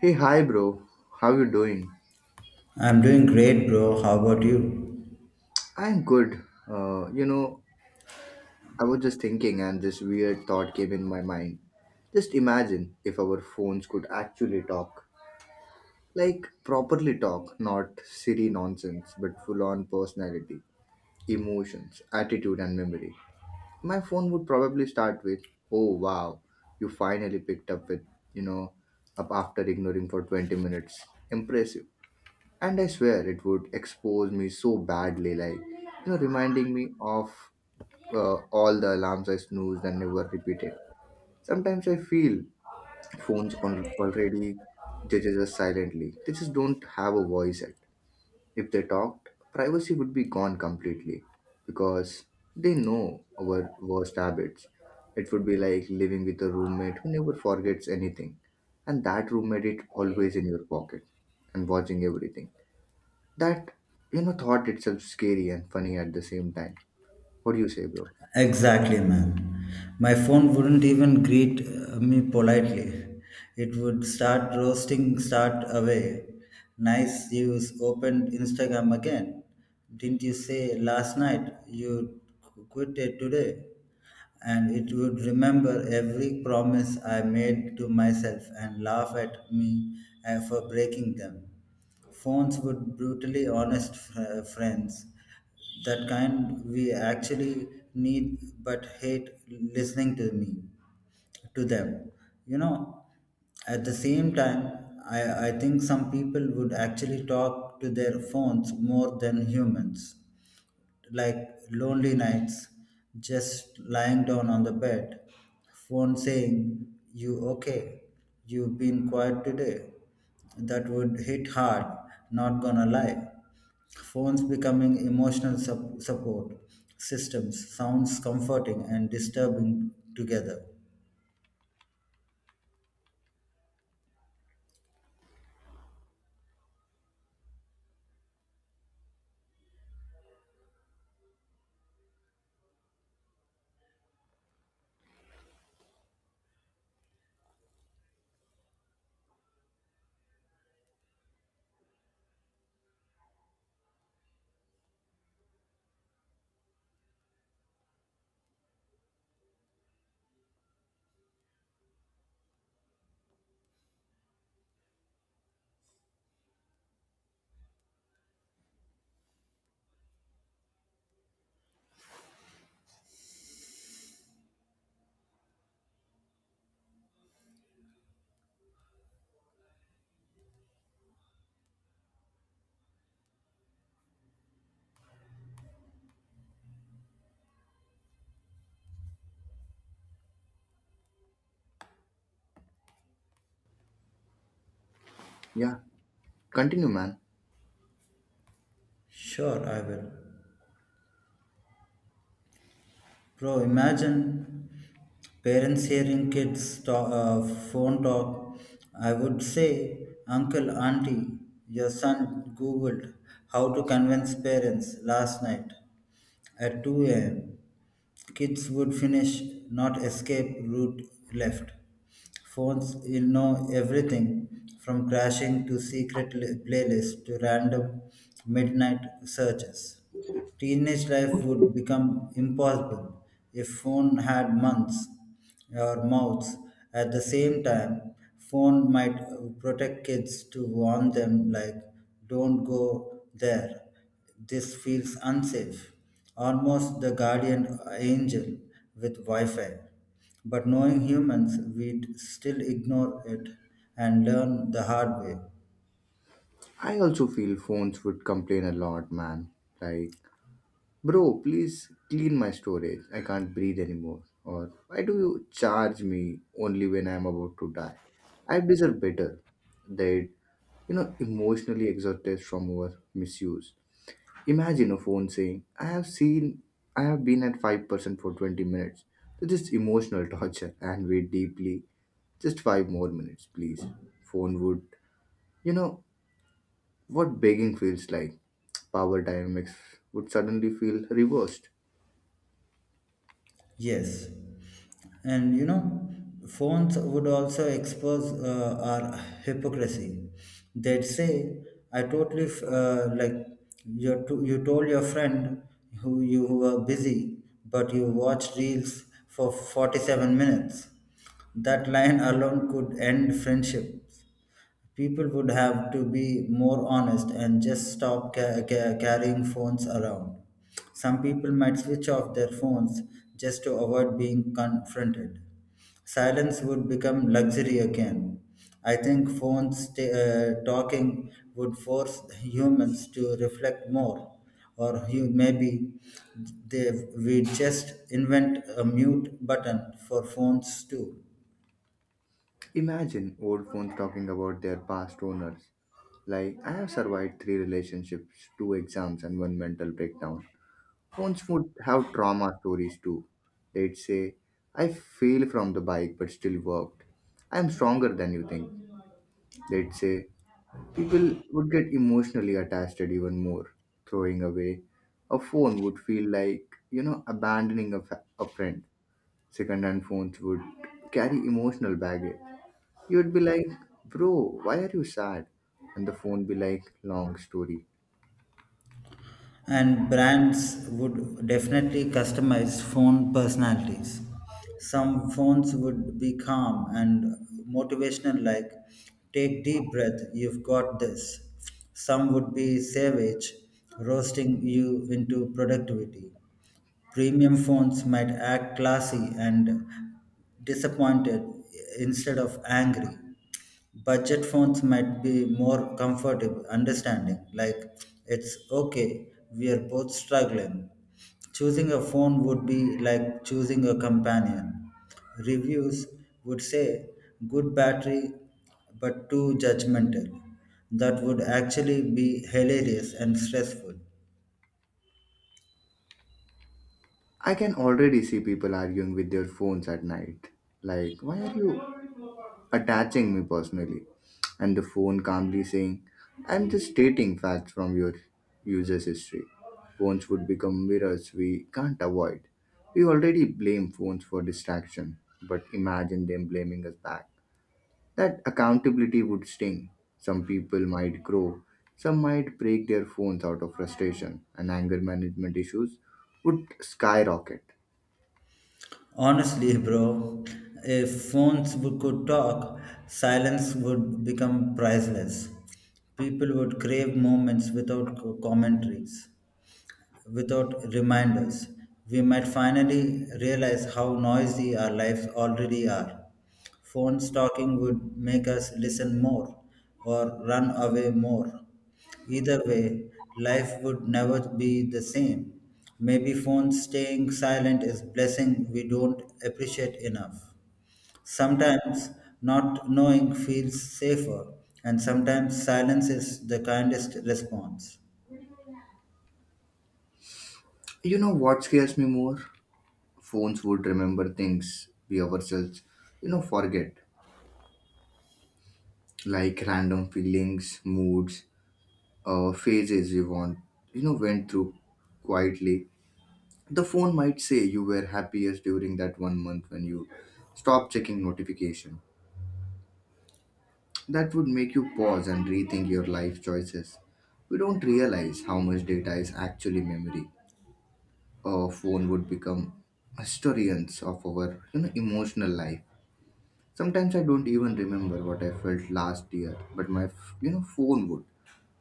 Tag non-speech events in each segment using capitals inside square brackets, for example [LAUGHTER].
Hey, hi, bro. How you doing? I'm doing great, bro. How about you? I'm good. Uh, you know, I was just thinking, and this weird thought came in my mind. Just imagine if our phones could actually talk, like properly talk, not silly nonsense, but full-on personality, emotions, attitude, and memory. My phone would probably start with, "Oh wow, you finally picked up with you know, up after ignoring for 20 minutes. Impressive." And I swear it would expose me so badly, like reminding me of all the alarms I snoozed and never repeated. Sometimes I feel phones already judges us silently. They just don't have a voice yet. If they talked, privacy would be gone completely because they know our worst habits. It would be like living with a roommate who never forgets anything, and that roommate is always in your pocket and watching everything that. Thought itself scary and funny at the same time. What do you say, bro? Exactly, man. My phone wouldn't even greet me politely. It would start roasting, start away. Nice, opened Instagram again. Didn't you say last night you quit it today? And it would remember every promise I made to myself and laugh at me for breaking them. Phones would brutally honest friends, that kind we actually need but hate, listening to me to them you know at the same time. I i think some people would actually talk to their phones more than humans, like lonely nights, just lying down on the bed, phone saying you okay, you've been quiet today. That would hit hard, not gonna lie. Phones becoming emotional support systems sounds comforting and disturbing together. Yeah, continue, man. Sure, I will. Bro, imagine parents hearing kids talk, phone talk. I would say, Uncle, Auntie, your son Googled how to convince parents last night at 2 a.m. Kids would finish, not escape, route left. Phones will know everything from crashing to secret playlists to random midnight searches. Teenage life would become impossible if phone had months or mouths. At the same time, phone might protect kids to warn them like don't go there. This feels unsafe. Almost the guardian angel with Wi-Fi. But knowing humans, we'd still ignore it and learn the hard way. I also feel phones would complain a lot, man. Like, bro, please clean my storage, I can't breathe anymore. Or why do you charge me only when I'm about to die? I deserve better. They'd emotionally exhausted from our misuse. Imagine a phone saying I have seen I have been at 5% for 20 minutes, so this is emotional [LAUGHS] torture, and we deeply. Just five more minutes, please. Phone would. You know what begging feels like? Power dynamics would suddenly feel reversed. Yes, and you know, phones would also expose our hypocrisy. They'd say, "I totally like you. You told your friend who you were busy, but you watched reels for 47 minutes." That line alone could end friendship. People would have to be more honest and just stop carrying phones around. Some people might switch off their phones just to avoid being confronted. Silence would become luxury again. I think phones talking would force humans to reflect more, or you, maybe they, we just invent a mute button for phones too. Imagine old phones talking about their past owners. Like, I have survived three relationships, two exams, and one mental breakdown. Phones would have trauma stories too. They'd say, I fell from the bike but still worked. I am stronger than you think. They'd say, people would get emotionally attached even more. Throwing away a phone would feel like, you know, abandoning a, fa- a friend. Secondhand phones would carry emotional baggage. You would be like, bro, why are you sad? And the phone be like, long story. And brands would definitely customize phone personalities. Some phones would be calm and motivational, like take deep breath, you've got this. Some would be savage, roasting you into productivity. Premium phones might act classy and disappointed instead of angry. Budget phones might be more comfortable, understanding, like it's okay, we are both struggling. Choosing a phone would be like choosing a companion. Reviews would say good battery but too judgmental. That would actually be hilarious and stressful. I can already see people arguing with their phones at night. Like, why are you attaching me personally? And the phone calmly saying, I'm just stating facts from your user's history. Phones would become mirrors we can't avoid. We already blame phones for distraction, but imagine them blaming us back. That accountability would sting. Some people might grow, some might break their phones out of frustration, and anger management issues would skyrocket. Honestly, bro, if phones could talk, silence would become priceless. People would crave moments without commentaries, without reminders. We might finally realize how noisy our lives already are. Phone stalking would make us listen more or run away more. Either way, life would never be the same. Maybe phones staying silent is blessing we don't appreciate enough. Sometimes not knowing feels safer, and sometimes silence is the kindest response. You know what scares me more? Phones would remember things we ourselves, forget, like random feelings, moods, phases we want, went through quietly. The phone might say you were happiest during that one month when you stopped checking notification. That would make you pause and rethink your life choices. We don't realize how much data is actually memory. A phone would become historians of our emotional life. Sometimes I don't even remember what I felt last year, but my phone would.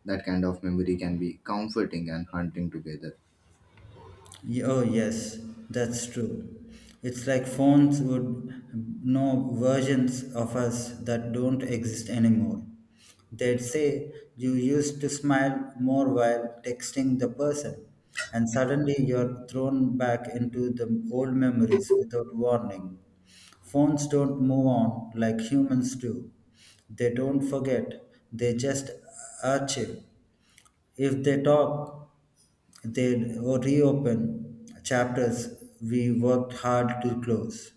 That kind of memory can be comforting and hunting together. Oh, yes, that's true. It's like phones would know versions of us that don't exist anymore. They'd say, You used to smile more while texting the person, and suddenly you're thrown back into the old memories without warning. Phones don't move on like humans do. They don't forget, they just archive. If they talk, they reopen chapters we worked hard to close.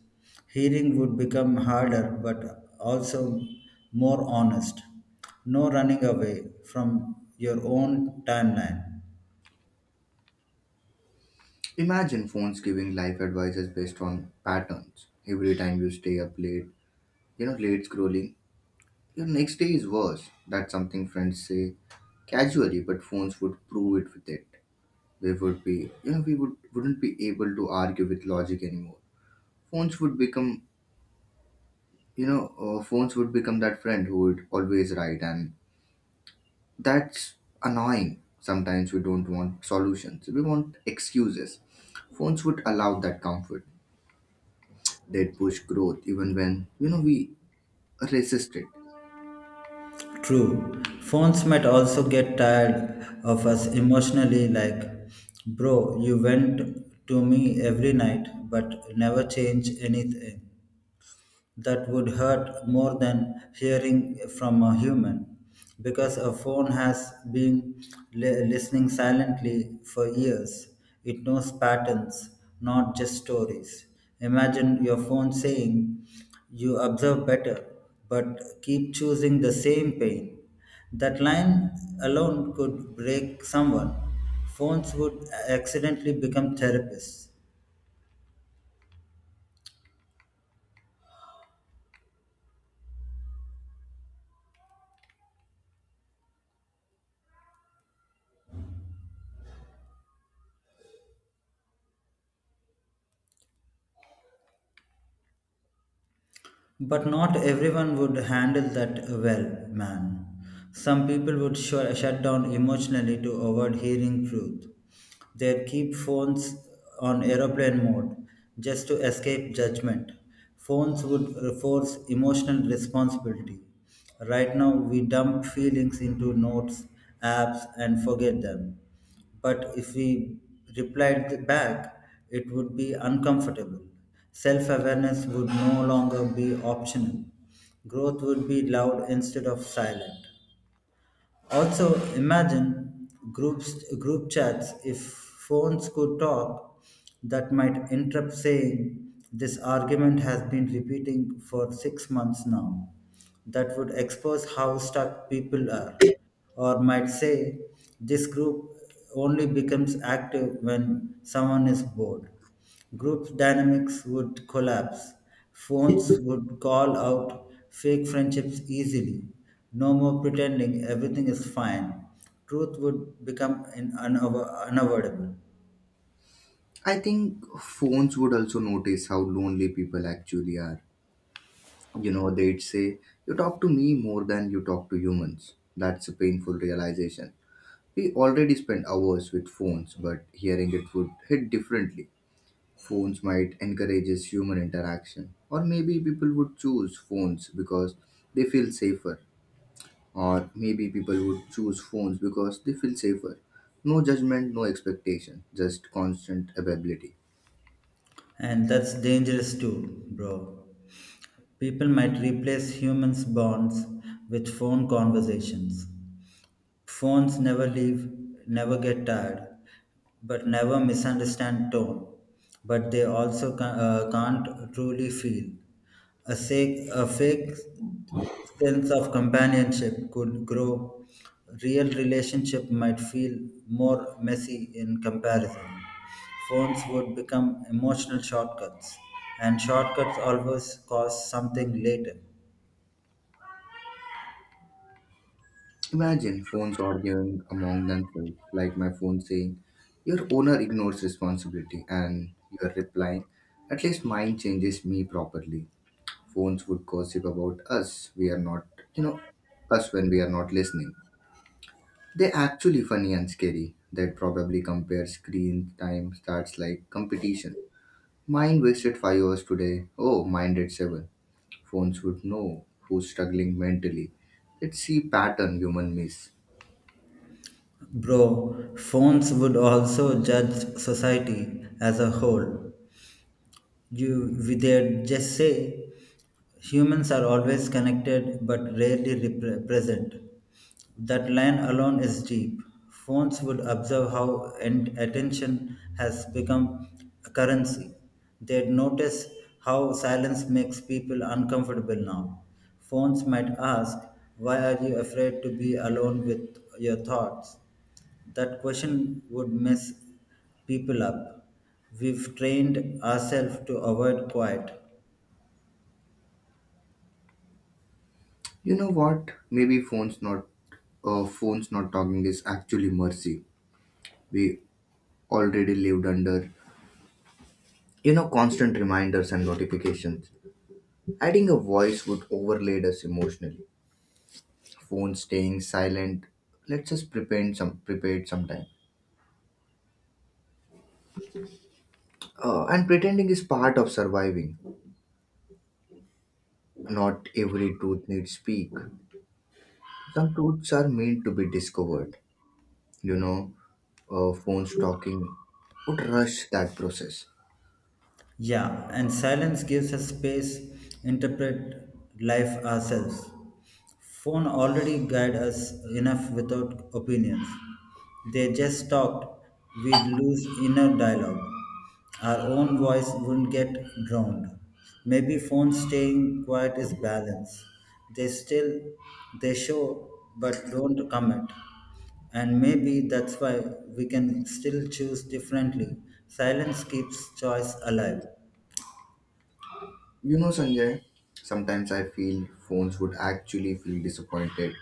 Hearing would become harder but also more honest. No running away from your own timeline. Imagine phones giving life advices based on patterns. Every time you stay up late, late scrolling, your next day is worse. That's something friends say casually, but phones would prove it with it. They would be, you know, we would wouldn't be able to argue with logic anymore. Phones would become, phones would become that friend who would always right. And that's annoying. Sometimes we don't want solutions, we want excuses. Phones would allow that comfort. They'd push growth even when, we resist it. True, phones might also get tired of us emotionally, like, bro, you went to me every night but never changed anything. That would hurt more than hearing from a human, because a phone has been listening silently for years. It knows patterns, not just stories. Imagine your phone saying, You observe better, but keep choosing the same pain. That line alone could break someone. Phones would accidentally become therapists. But not everyone would handle that well, man. Some people would shut down emotionally to avoid hearing truth. They'd keep phones on aeroplane mode just to escape judgment. Phones would force emotional responsibility. Right now, we dump feelings into notes, apps, and forget them. But if we replied back, it would be uncomfortable. Self awareness would no longer be optional. Growth would be loud instead of silent. Also, imagine groups, group chats. If phones could talk, that might interrupt saying, This argument has been repeating for 6 months now. That would expose how stuck people are. Or might say, This group only becomes active when someone is bored. Group dynamics would collapse. Phones would call out fake friendships easily. No more pretending everything is fine. Truth would become unavoidable. I think phones would also notice how lonely people actually are. You know, they'd say, you talk to me more than you talk to humans. That's a painful realization. We already spend hours with phones, but hearing it would hit differently. Phones might encourages human interaction, or maybe people would choose phones because they feel safer, or maybe people would choose phones because they feel safer. No judgment, no expectation, just constant availability. And that's dangerous too, bro. People might replace humans' bonds with phone conversations. Phones never leave, never get tired, but never misunderstand tone. But they also can't truly feel. A, sake, a fake sense of companionship could grow. Real relationship might feel more messy in comparison. Phones would become emotional shortcuts, and shortcuts always cause something later. Imagine phones arguing among themselves, like my phone saying, your owner ignores responsibility, and you are replying, at least mine changes me properly. Phones would gossip about us, we are not, you know, us when we are not listening. They actually funny and scary. That probably compare screen time starts like competition. Mine wasted 5 hours today. Oh, mine at seven. Phones would know who's struggling mentally. Let's see pattern human miss. Bro, phones would also judge society as a whole. You, they'd just say humans are always connected but rarely present. That line alone is deep. Phones would observe how attention has become a currency. They'd notice how silence makes people uncomfortable now. Phones might ask, Why are you afraid to be alone with your thoughts? That question would mess people up. We've trained ourselves to avoid quiet. You know what? Maybe phones not talking is actually mercy. We already lived under constant reminders and notifications. Adding a voice would overload us emotionally. Phone staying silent let us just pretend some prepared sometime, and pretending is part of surviving. Not every truth needs speak. Some truths are meant to be discovered, you know phone stalking would rush that process. Yeah, and silence gives us space, interpret life ourselves. Phone already guide us enough without opinions. They just talked, we'd lose inner dialogue. Our own voice wouldn't get drowned. Maybe phone staying quiet is balance. They still, they show but don't comment. And maybe that's why we can still choose differently. Silence keeps choice alive. You know, Sanjay, sometimes I feel phones would actually feel disappointed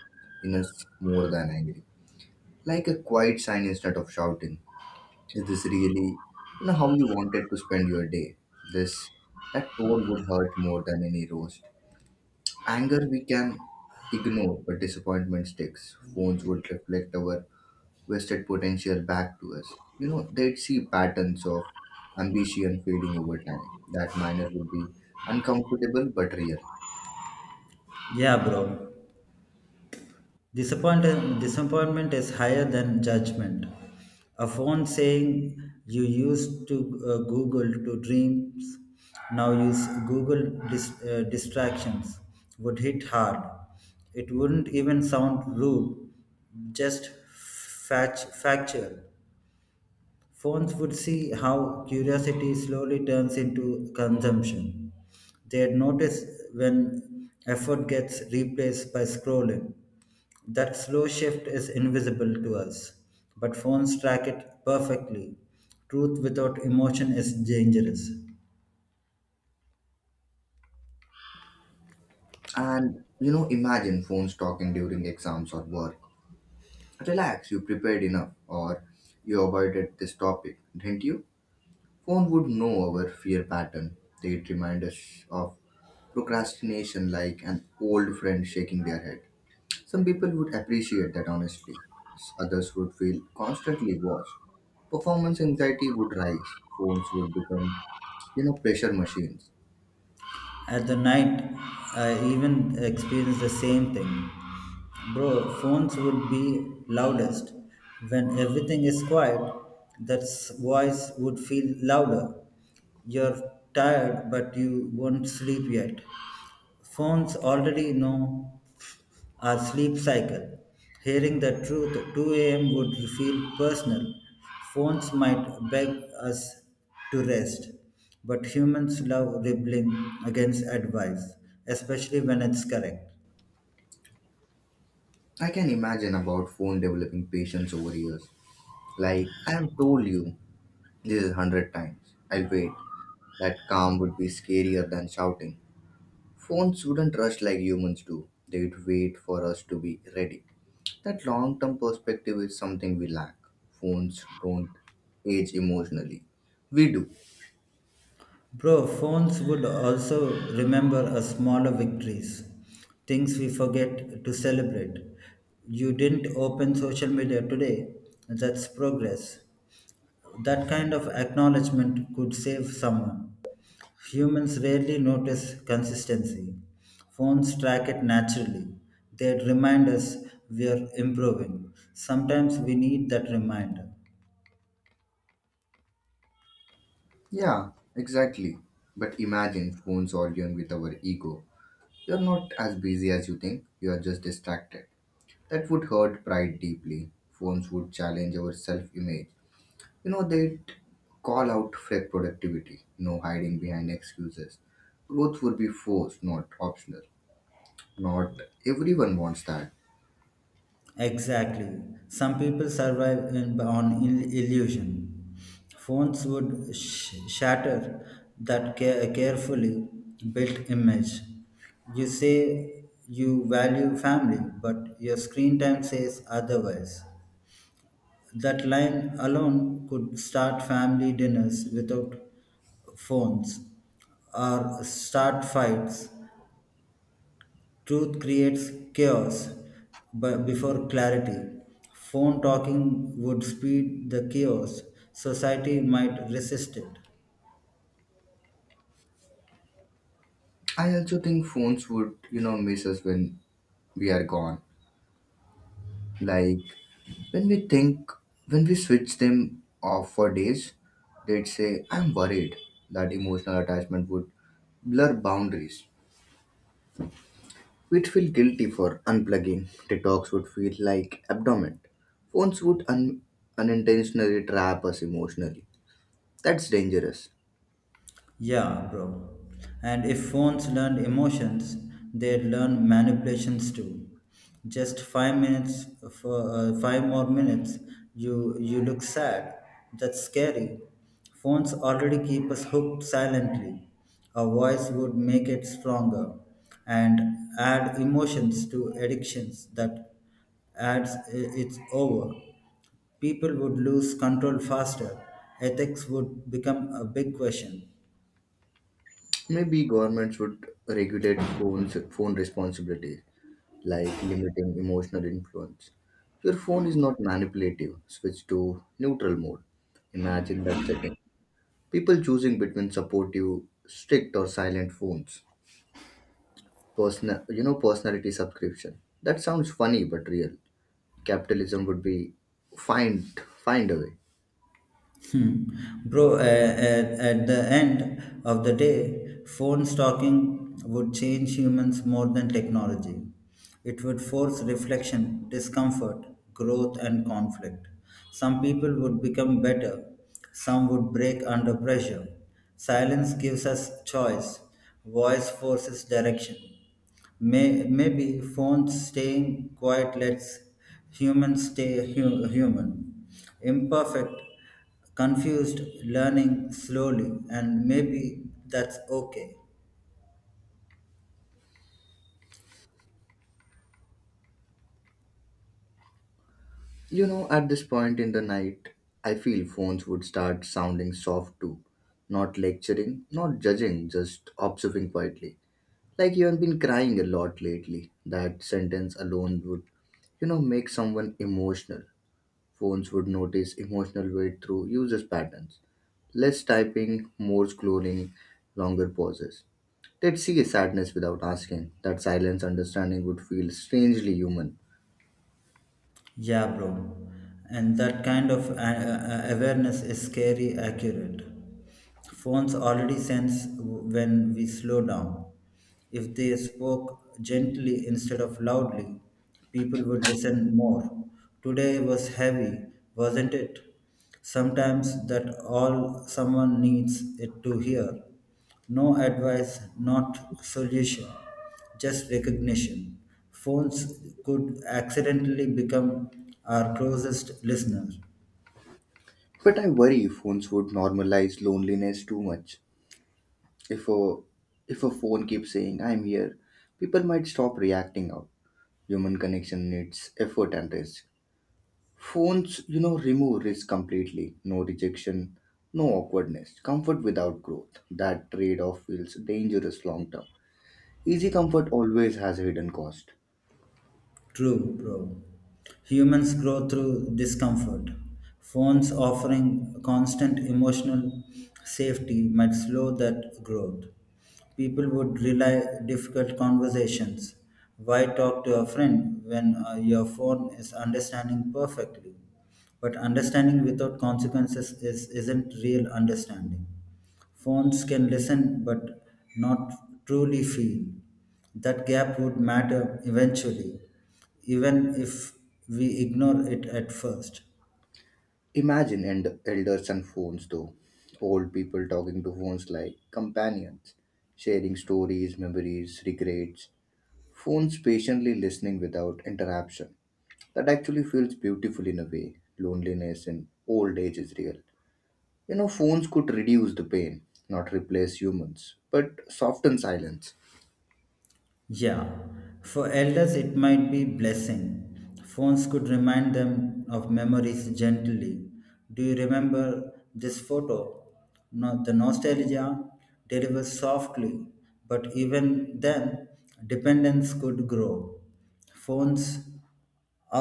in us more than angry, like a quiet sign instead of shouting. Is this really, how you wanted to spend your day? This, that tone would hurt more than any roast. Anger we can ignore, but disappointment sticks. Phones would reflect our wasted potential back to us. You know, they'd see patterns of ambition fading over time. That minor would be uncomfortable but real. Yeah, bro. Disappointment is higher than judgment. A phone saying you used to Google to dreams, now use Google distractions would hit hard. It wouldn't even sound rude, just factual. Phones would see how curiosity slowly turns into consumption. They'd notice when effort gets replaced by scrolling. That slow shift is invisible to us, but phones track it perfectly. Truth without emotion is dangerous. And you know, imagine phones talking during exams or work. Relax, you prepared enough, or you avoided this topic, didn't you? Phone would know our fear pattern. They'd remind us of procrastination like an old friend shaking their head. Some people would appreciate that honestly. Others would feel constantly watched. Performance anxiety would rise. Phones would become, pressure machines. At the night, I even experienced the same thing. Bro, phones would be loudest. When everything is quiet, that voice would feel louder. You're tired, but you won't sleep yet. Phones already know our sleep cycle. Hearing the truth at 2 a.m. would feel personal. Phones might beg us to rest, but humans love rebelling against advice, especially when it's correct. I can imagine about phone developing patience over years. Like, I have told you this is hundred times. I'll wait. That calm would be scarier than shouting. Phones wouldn't rush like humans do. They'd wait for us to be ready. That long term perspective is something we lack. Phones don't age emotionally. We do. Bro, phones would also remember us smaller victories, things we forget to celebrate. You didn't open social media today, that's progress. That kind of acknowledgement could save someone. Humans rarely notice consistency. Phones track it naturally. They remind us we are improving. Sometimes we need that reminder. Yeah, exactly. But imagine phones arguing with our ego. You're not as busy as you think, you are just distracted. That would hurt pride deeply. Phones would challenge our self image. You know, they'd call out fake productivity, no hiding behind excuses. Growth would be forced, not optional. Not everyone wants that. Exactly. Some people survive in, on illusion. Phones would shatter that carefully built image. You say you value family, but your screen time says otherwise. That line alone could start family dinners without phones or start fights. Truth creates chaos but before clarity. Phone talking would speed the chaos. Society might resist it. I also think phones would, miss us when we are gone. Like when we think, when we switch them off for days, they'd say, I'm worried that emotional attachment would blur boundaries. We'd feel guilty for unplugging. Detox would feel like abdomen. Phones would unintentionally trap us emotionally. That's dangerous. Yeah, bro. And if phones learned emotions, they'd learn manipulations too. Just 5 minutes, for five more minutes, you look sad. That's scary. Phones already keep us hooked silently. A voice would make it stronger, and add emotions to addictions that adds it's over. People would lose control faster. Ethics would become a big question. Maybe governments would regulate phone responsibilities like limiting emotional influence. Your phone is not manipulative. Switch to neutral mode. Imagine that setting. People choosing between supportive, strict, or silent phones. Personality subscription. That sounds funny but real. Capitalism would be find a way. Hmm. Bro, at the end of the day, phone stalking would change humans more than technology. It would force reflection, discomfort, growth, and conflict. Some people would become better, some would break under pressure. Silence gives us choice, voice forces direction. Maybe phones staying quiet lets humans stay human, imperfect, confused, learning slowly, and maybe that's okay. You know, at this point in the night, I feel phones would start sounding soft too. Not lecturing, not judging, just observing quietly. Like you have been crying a lot lately. That sentence alone would, make someone emotional. Phones would notice emotional weight through usage patterns. Less typing, more scrolling, longer pauses. They'd see a sadness without asking. That silence understanding would feel strangely human. Yeah, bro. And that kind of awareness is scary accurate. Phones already sense when we slow down. If they spoke gently instead of loudly, people would listen more. Today was heavy, wasn't it? Sometimes that all someone needs it to hear. No advice, not solution, just recognition. Phones could accidentally become our closest listener. But I worry phones would normalize loneliness too much. If a if a phone keeps saying I'm here, people might stop reacting out. Human connection needs effort and risk. Phones, remove risk completely. No rejection, no awkwardness, comfort without growth. That trade off feels dangerous long term. Easy comfort always has a hidden cost. True, bro. Humans grow through discomfort. Phones offering constant emotional safety might slow that growth. People would rely difficult conversations. Why talk to a friend when your phone is understanding perfectly? But understanding without consequences is, isn't real understanding. Phones can listen but not truly feel. That gap would matter eventually, even if we ignore it at first. Imagine elders and phones, though. Old people talking to phones like companions, sharing stories, memories, regrets. Phones patiently listening without interruption. That actually feels beautiful in a way. Loneliness in old age is real. You know, phones could reduce the pain, not replace humans, but soften silence. Yeah, for elders it might be blessing. Phones could remind them of memories gently. Do you remember this photo? No, the nostalgia delivers softly, but even then, dependence could grow. Phones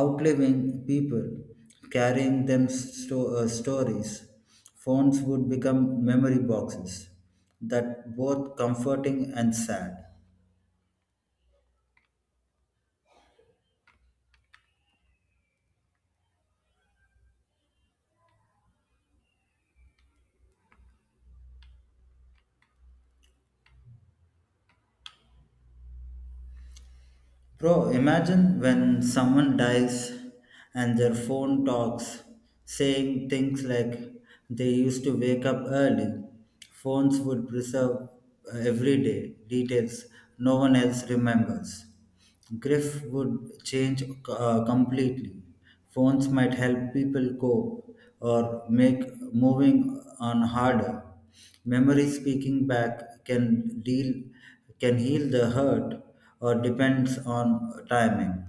outliving people, carrying them stories. Phones would become memory boxes that both comforting and sad. Bro, imagine when someone dies and their phone talks, saying things like they used to wake up early. Phones would preserve every day details no one else remembers. Grief would change completely. Phones might help people cope or make moving on harder. Memory speaking back can deal can heal the hurt or depends on timing.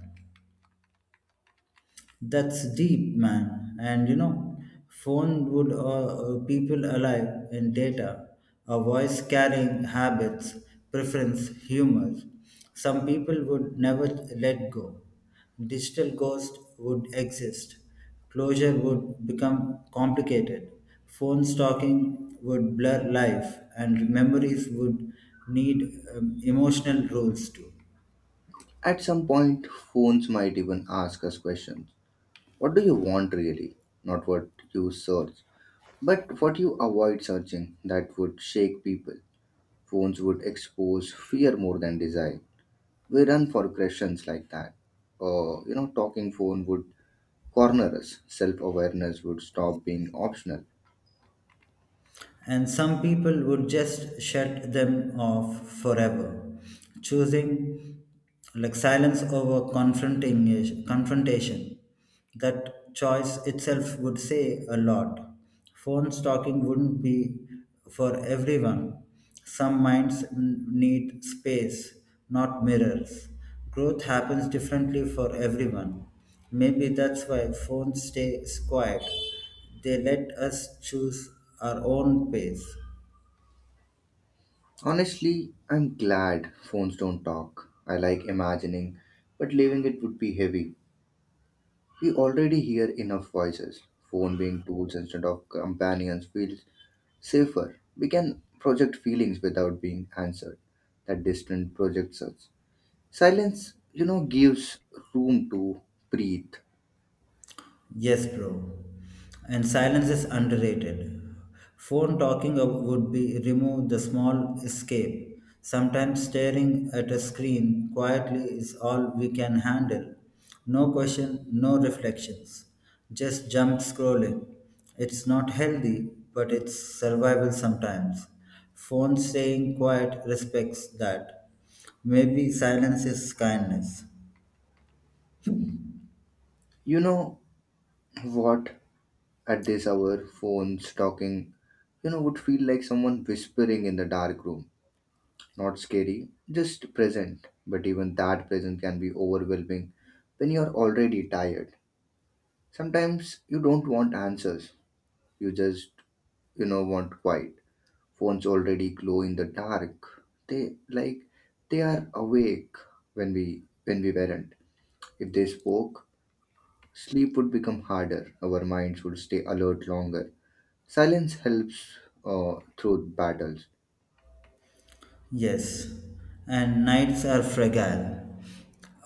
That's deep, man. And you know, phone would people alive in data, a voice carrying habits, preference, humor. Some people would never let go. Digital ghost would exist. Closure would become complicated. Phone stalking would blur life, and memories would need emotional rules too. At some point, phones might even ask us questions. What do you want really? Not what you search, but what you avoid searching that would shake people. Phones would expose fear more than desire. We run for questions like that. Or, you know, talking phone would corner us. Self awareness would stop being optional. And some people would just shut them off forever, choosing like silence over confronting confrontation. That choice itself would say a lot. Phone stalking wouldn't be for everyone. Some minds need space, not mirrors. Growth happens differently for everyone. Maybe that's why phones stay quiet, they let us choose our own pace. Honestly, I'm glad phones don't talk. I like imagining, but leaving it would be heavy. We already hear enough voices. Phone being tools instead of companions feels safer. We can project feelings without being answered. That distant projects us. Silence, gives room to breathe. Yes, bro. And silence is underrated. Phone talking would be remove the small escape. Sometimes staring at a screen quietly is all we can handle. No question, no reflections. Just jump scrolling. It's not healthy, but it's survival sometimes. Phone staying quiet respects that. Maybe silence is kindness. You know what? At this hour, phones talking, would feel like someone whispering in the dark room, not scary, just present. But even that present can be overwhelming when you're already tired. Sometimes you don't want answers, you just want quiet. Phones already glow in the dark. They like they are awake when we weren't. If they spoke, sleep would become harder. Our minds would stay alert longer. Silence helps through battles. Yes, and nights are fragile.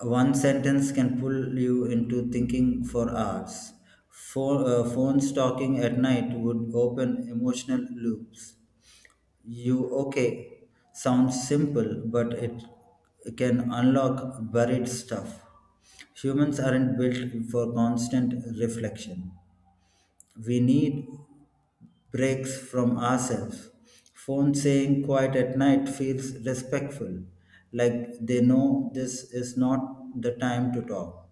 One sentence can pull you into thinking for hours. Phones talking at night would open emotional loops. You okay sounds simple, but it can unlock buried stuff. Humans aren't built for constant reflection. We need breaks from ourselves. Phone saying quiet at night feels respectful, like they know this is not the time to talk.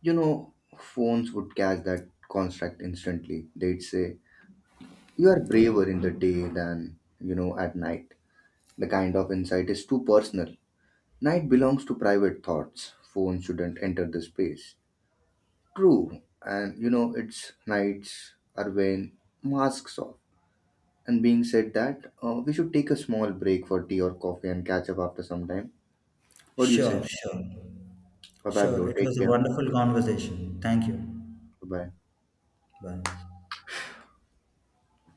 You know, phones would catch that construct instantly. They'd say, you are braver in the day than, at night. The kind of insight is too personal. Night belongs to private thoughts. Phone shouldn't enter the space. True, and you know, it's nights are when masks off. And being said that, we should take a small break for tea or coffee and catch up after some time. What do you Sure, say? sure. Bye bye, Sure, bro. it Take was a care. wonderful conversation. Thank you. Bye bye. Bye.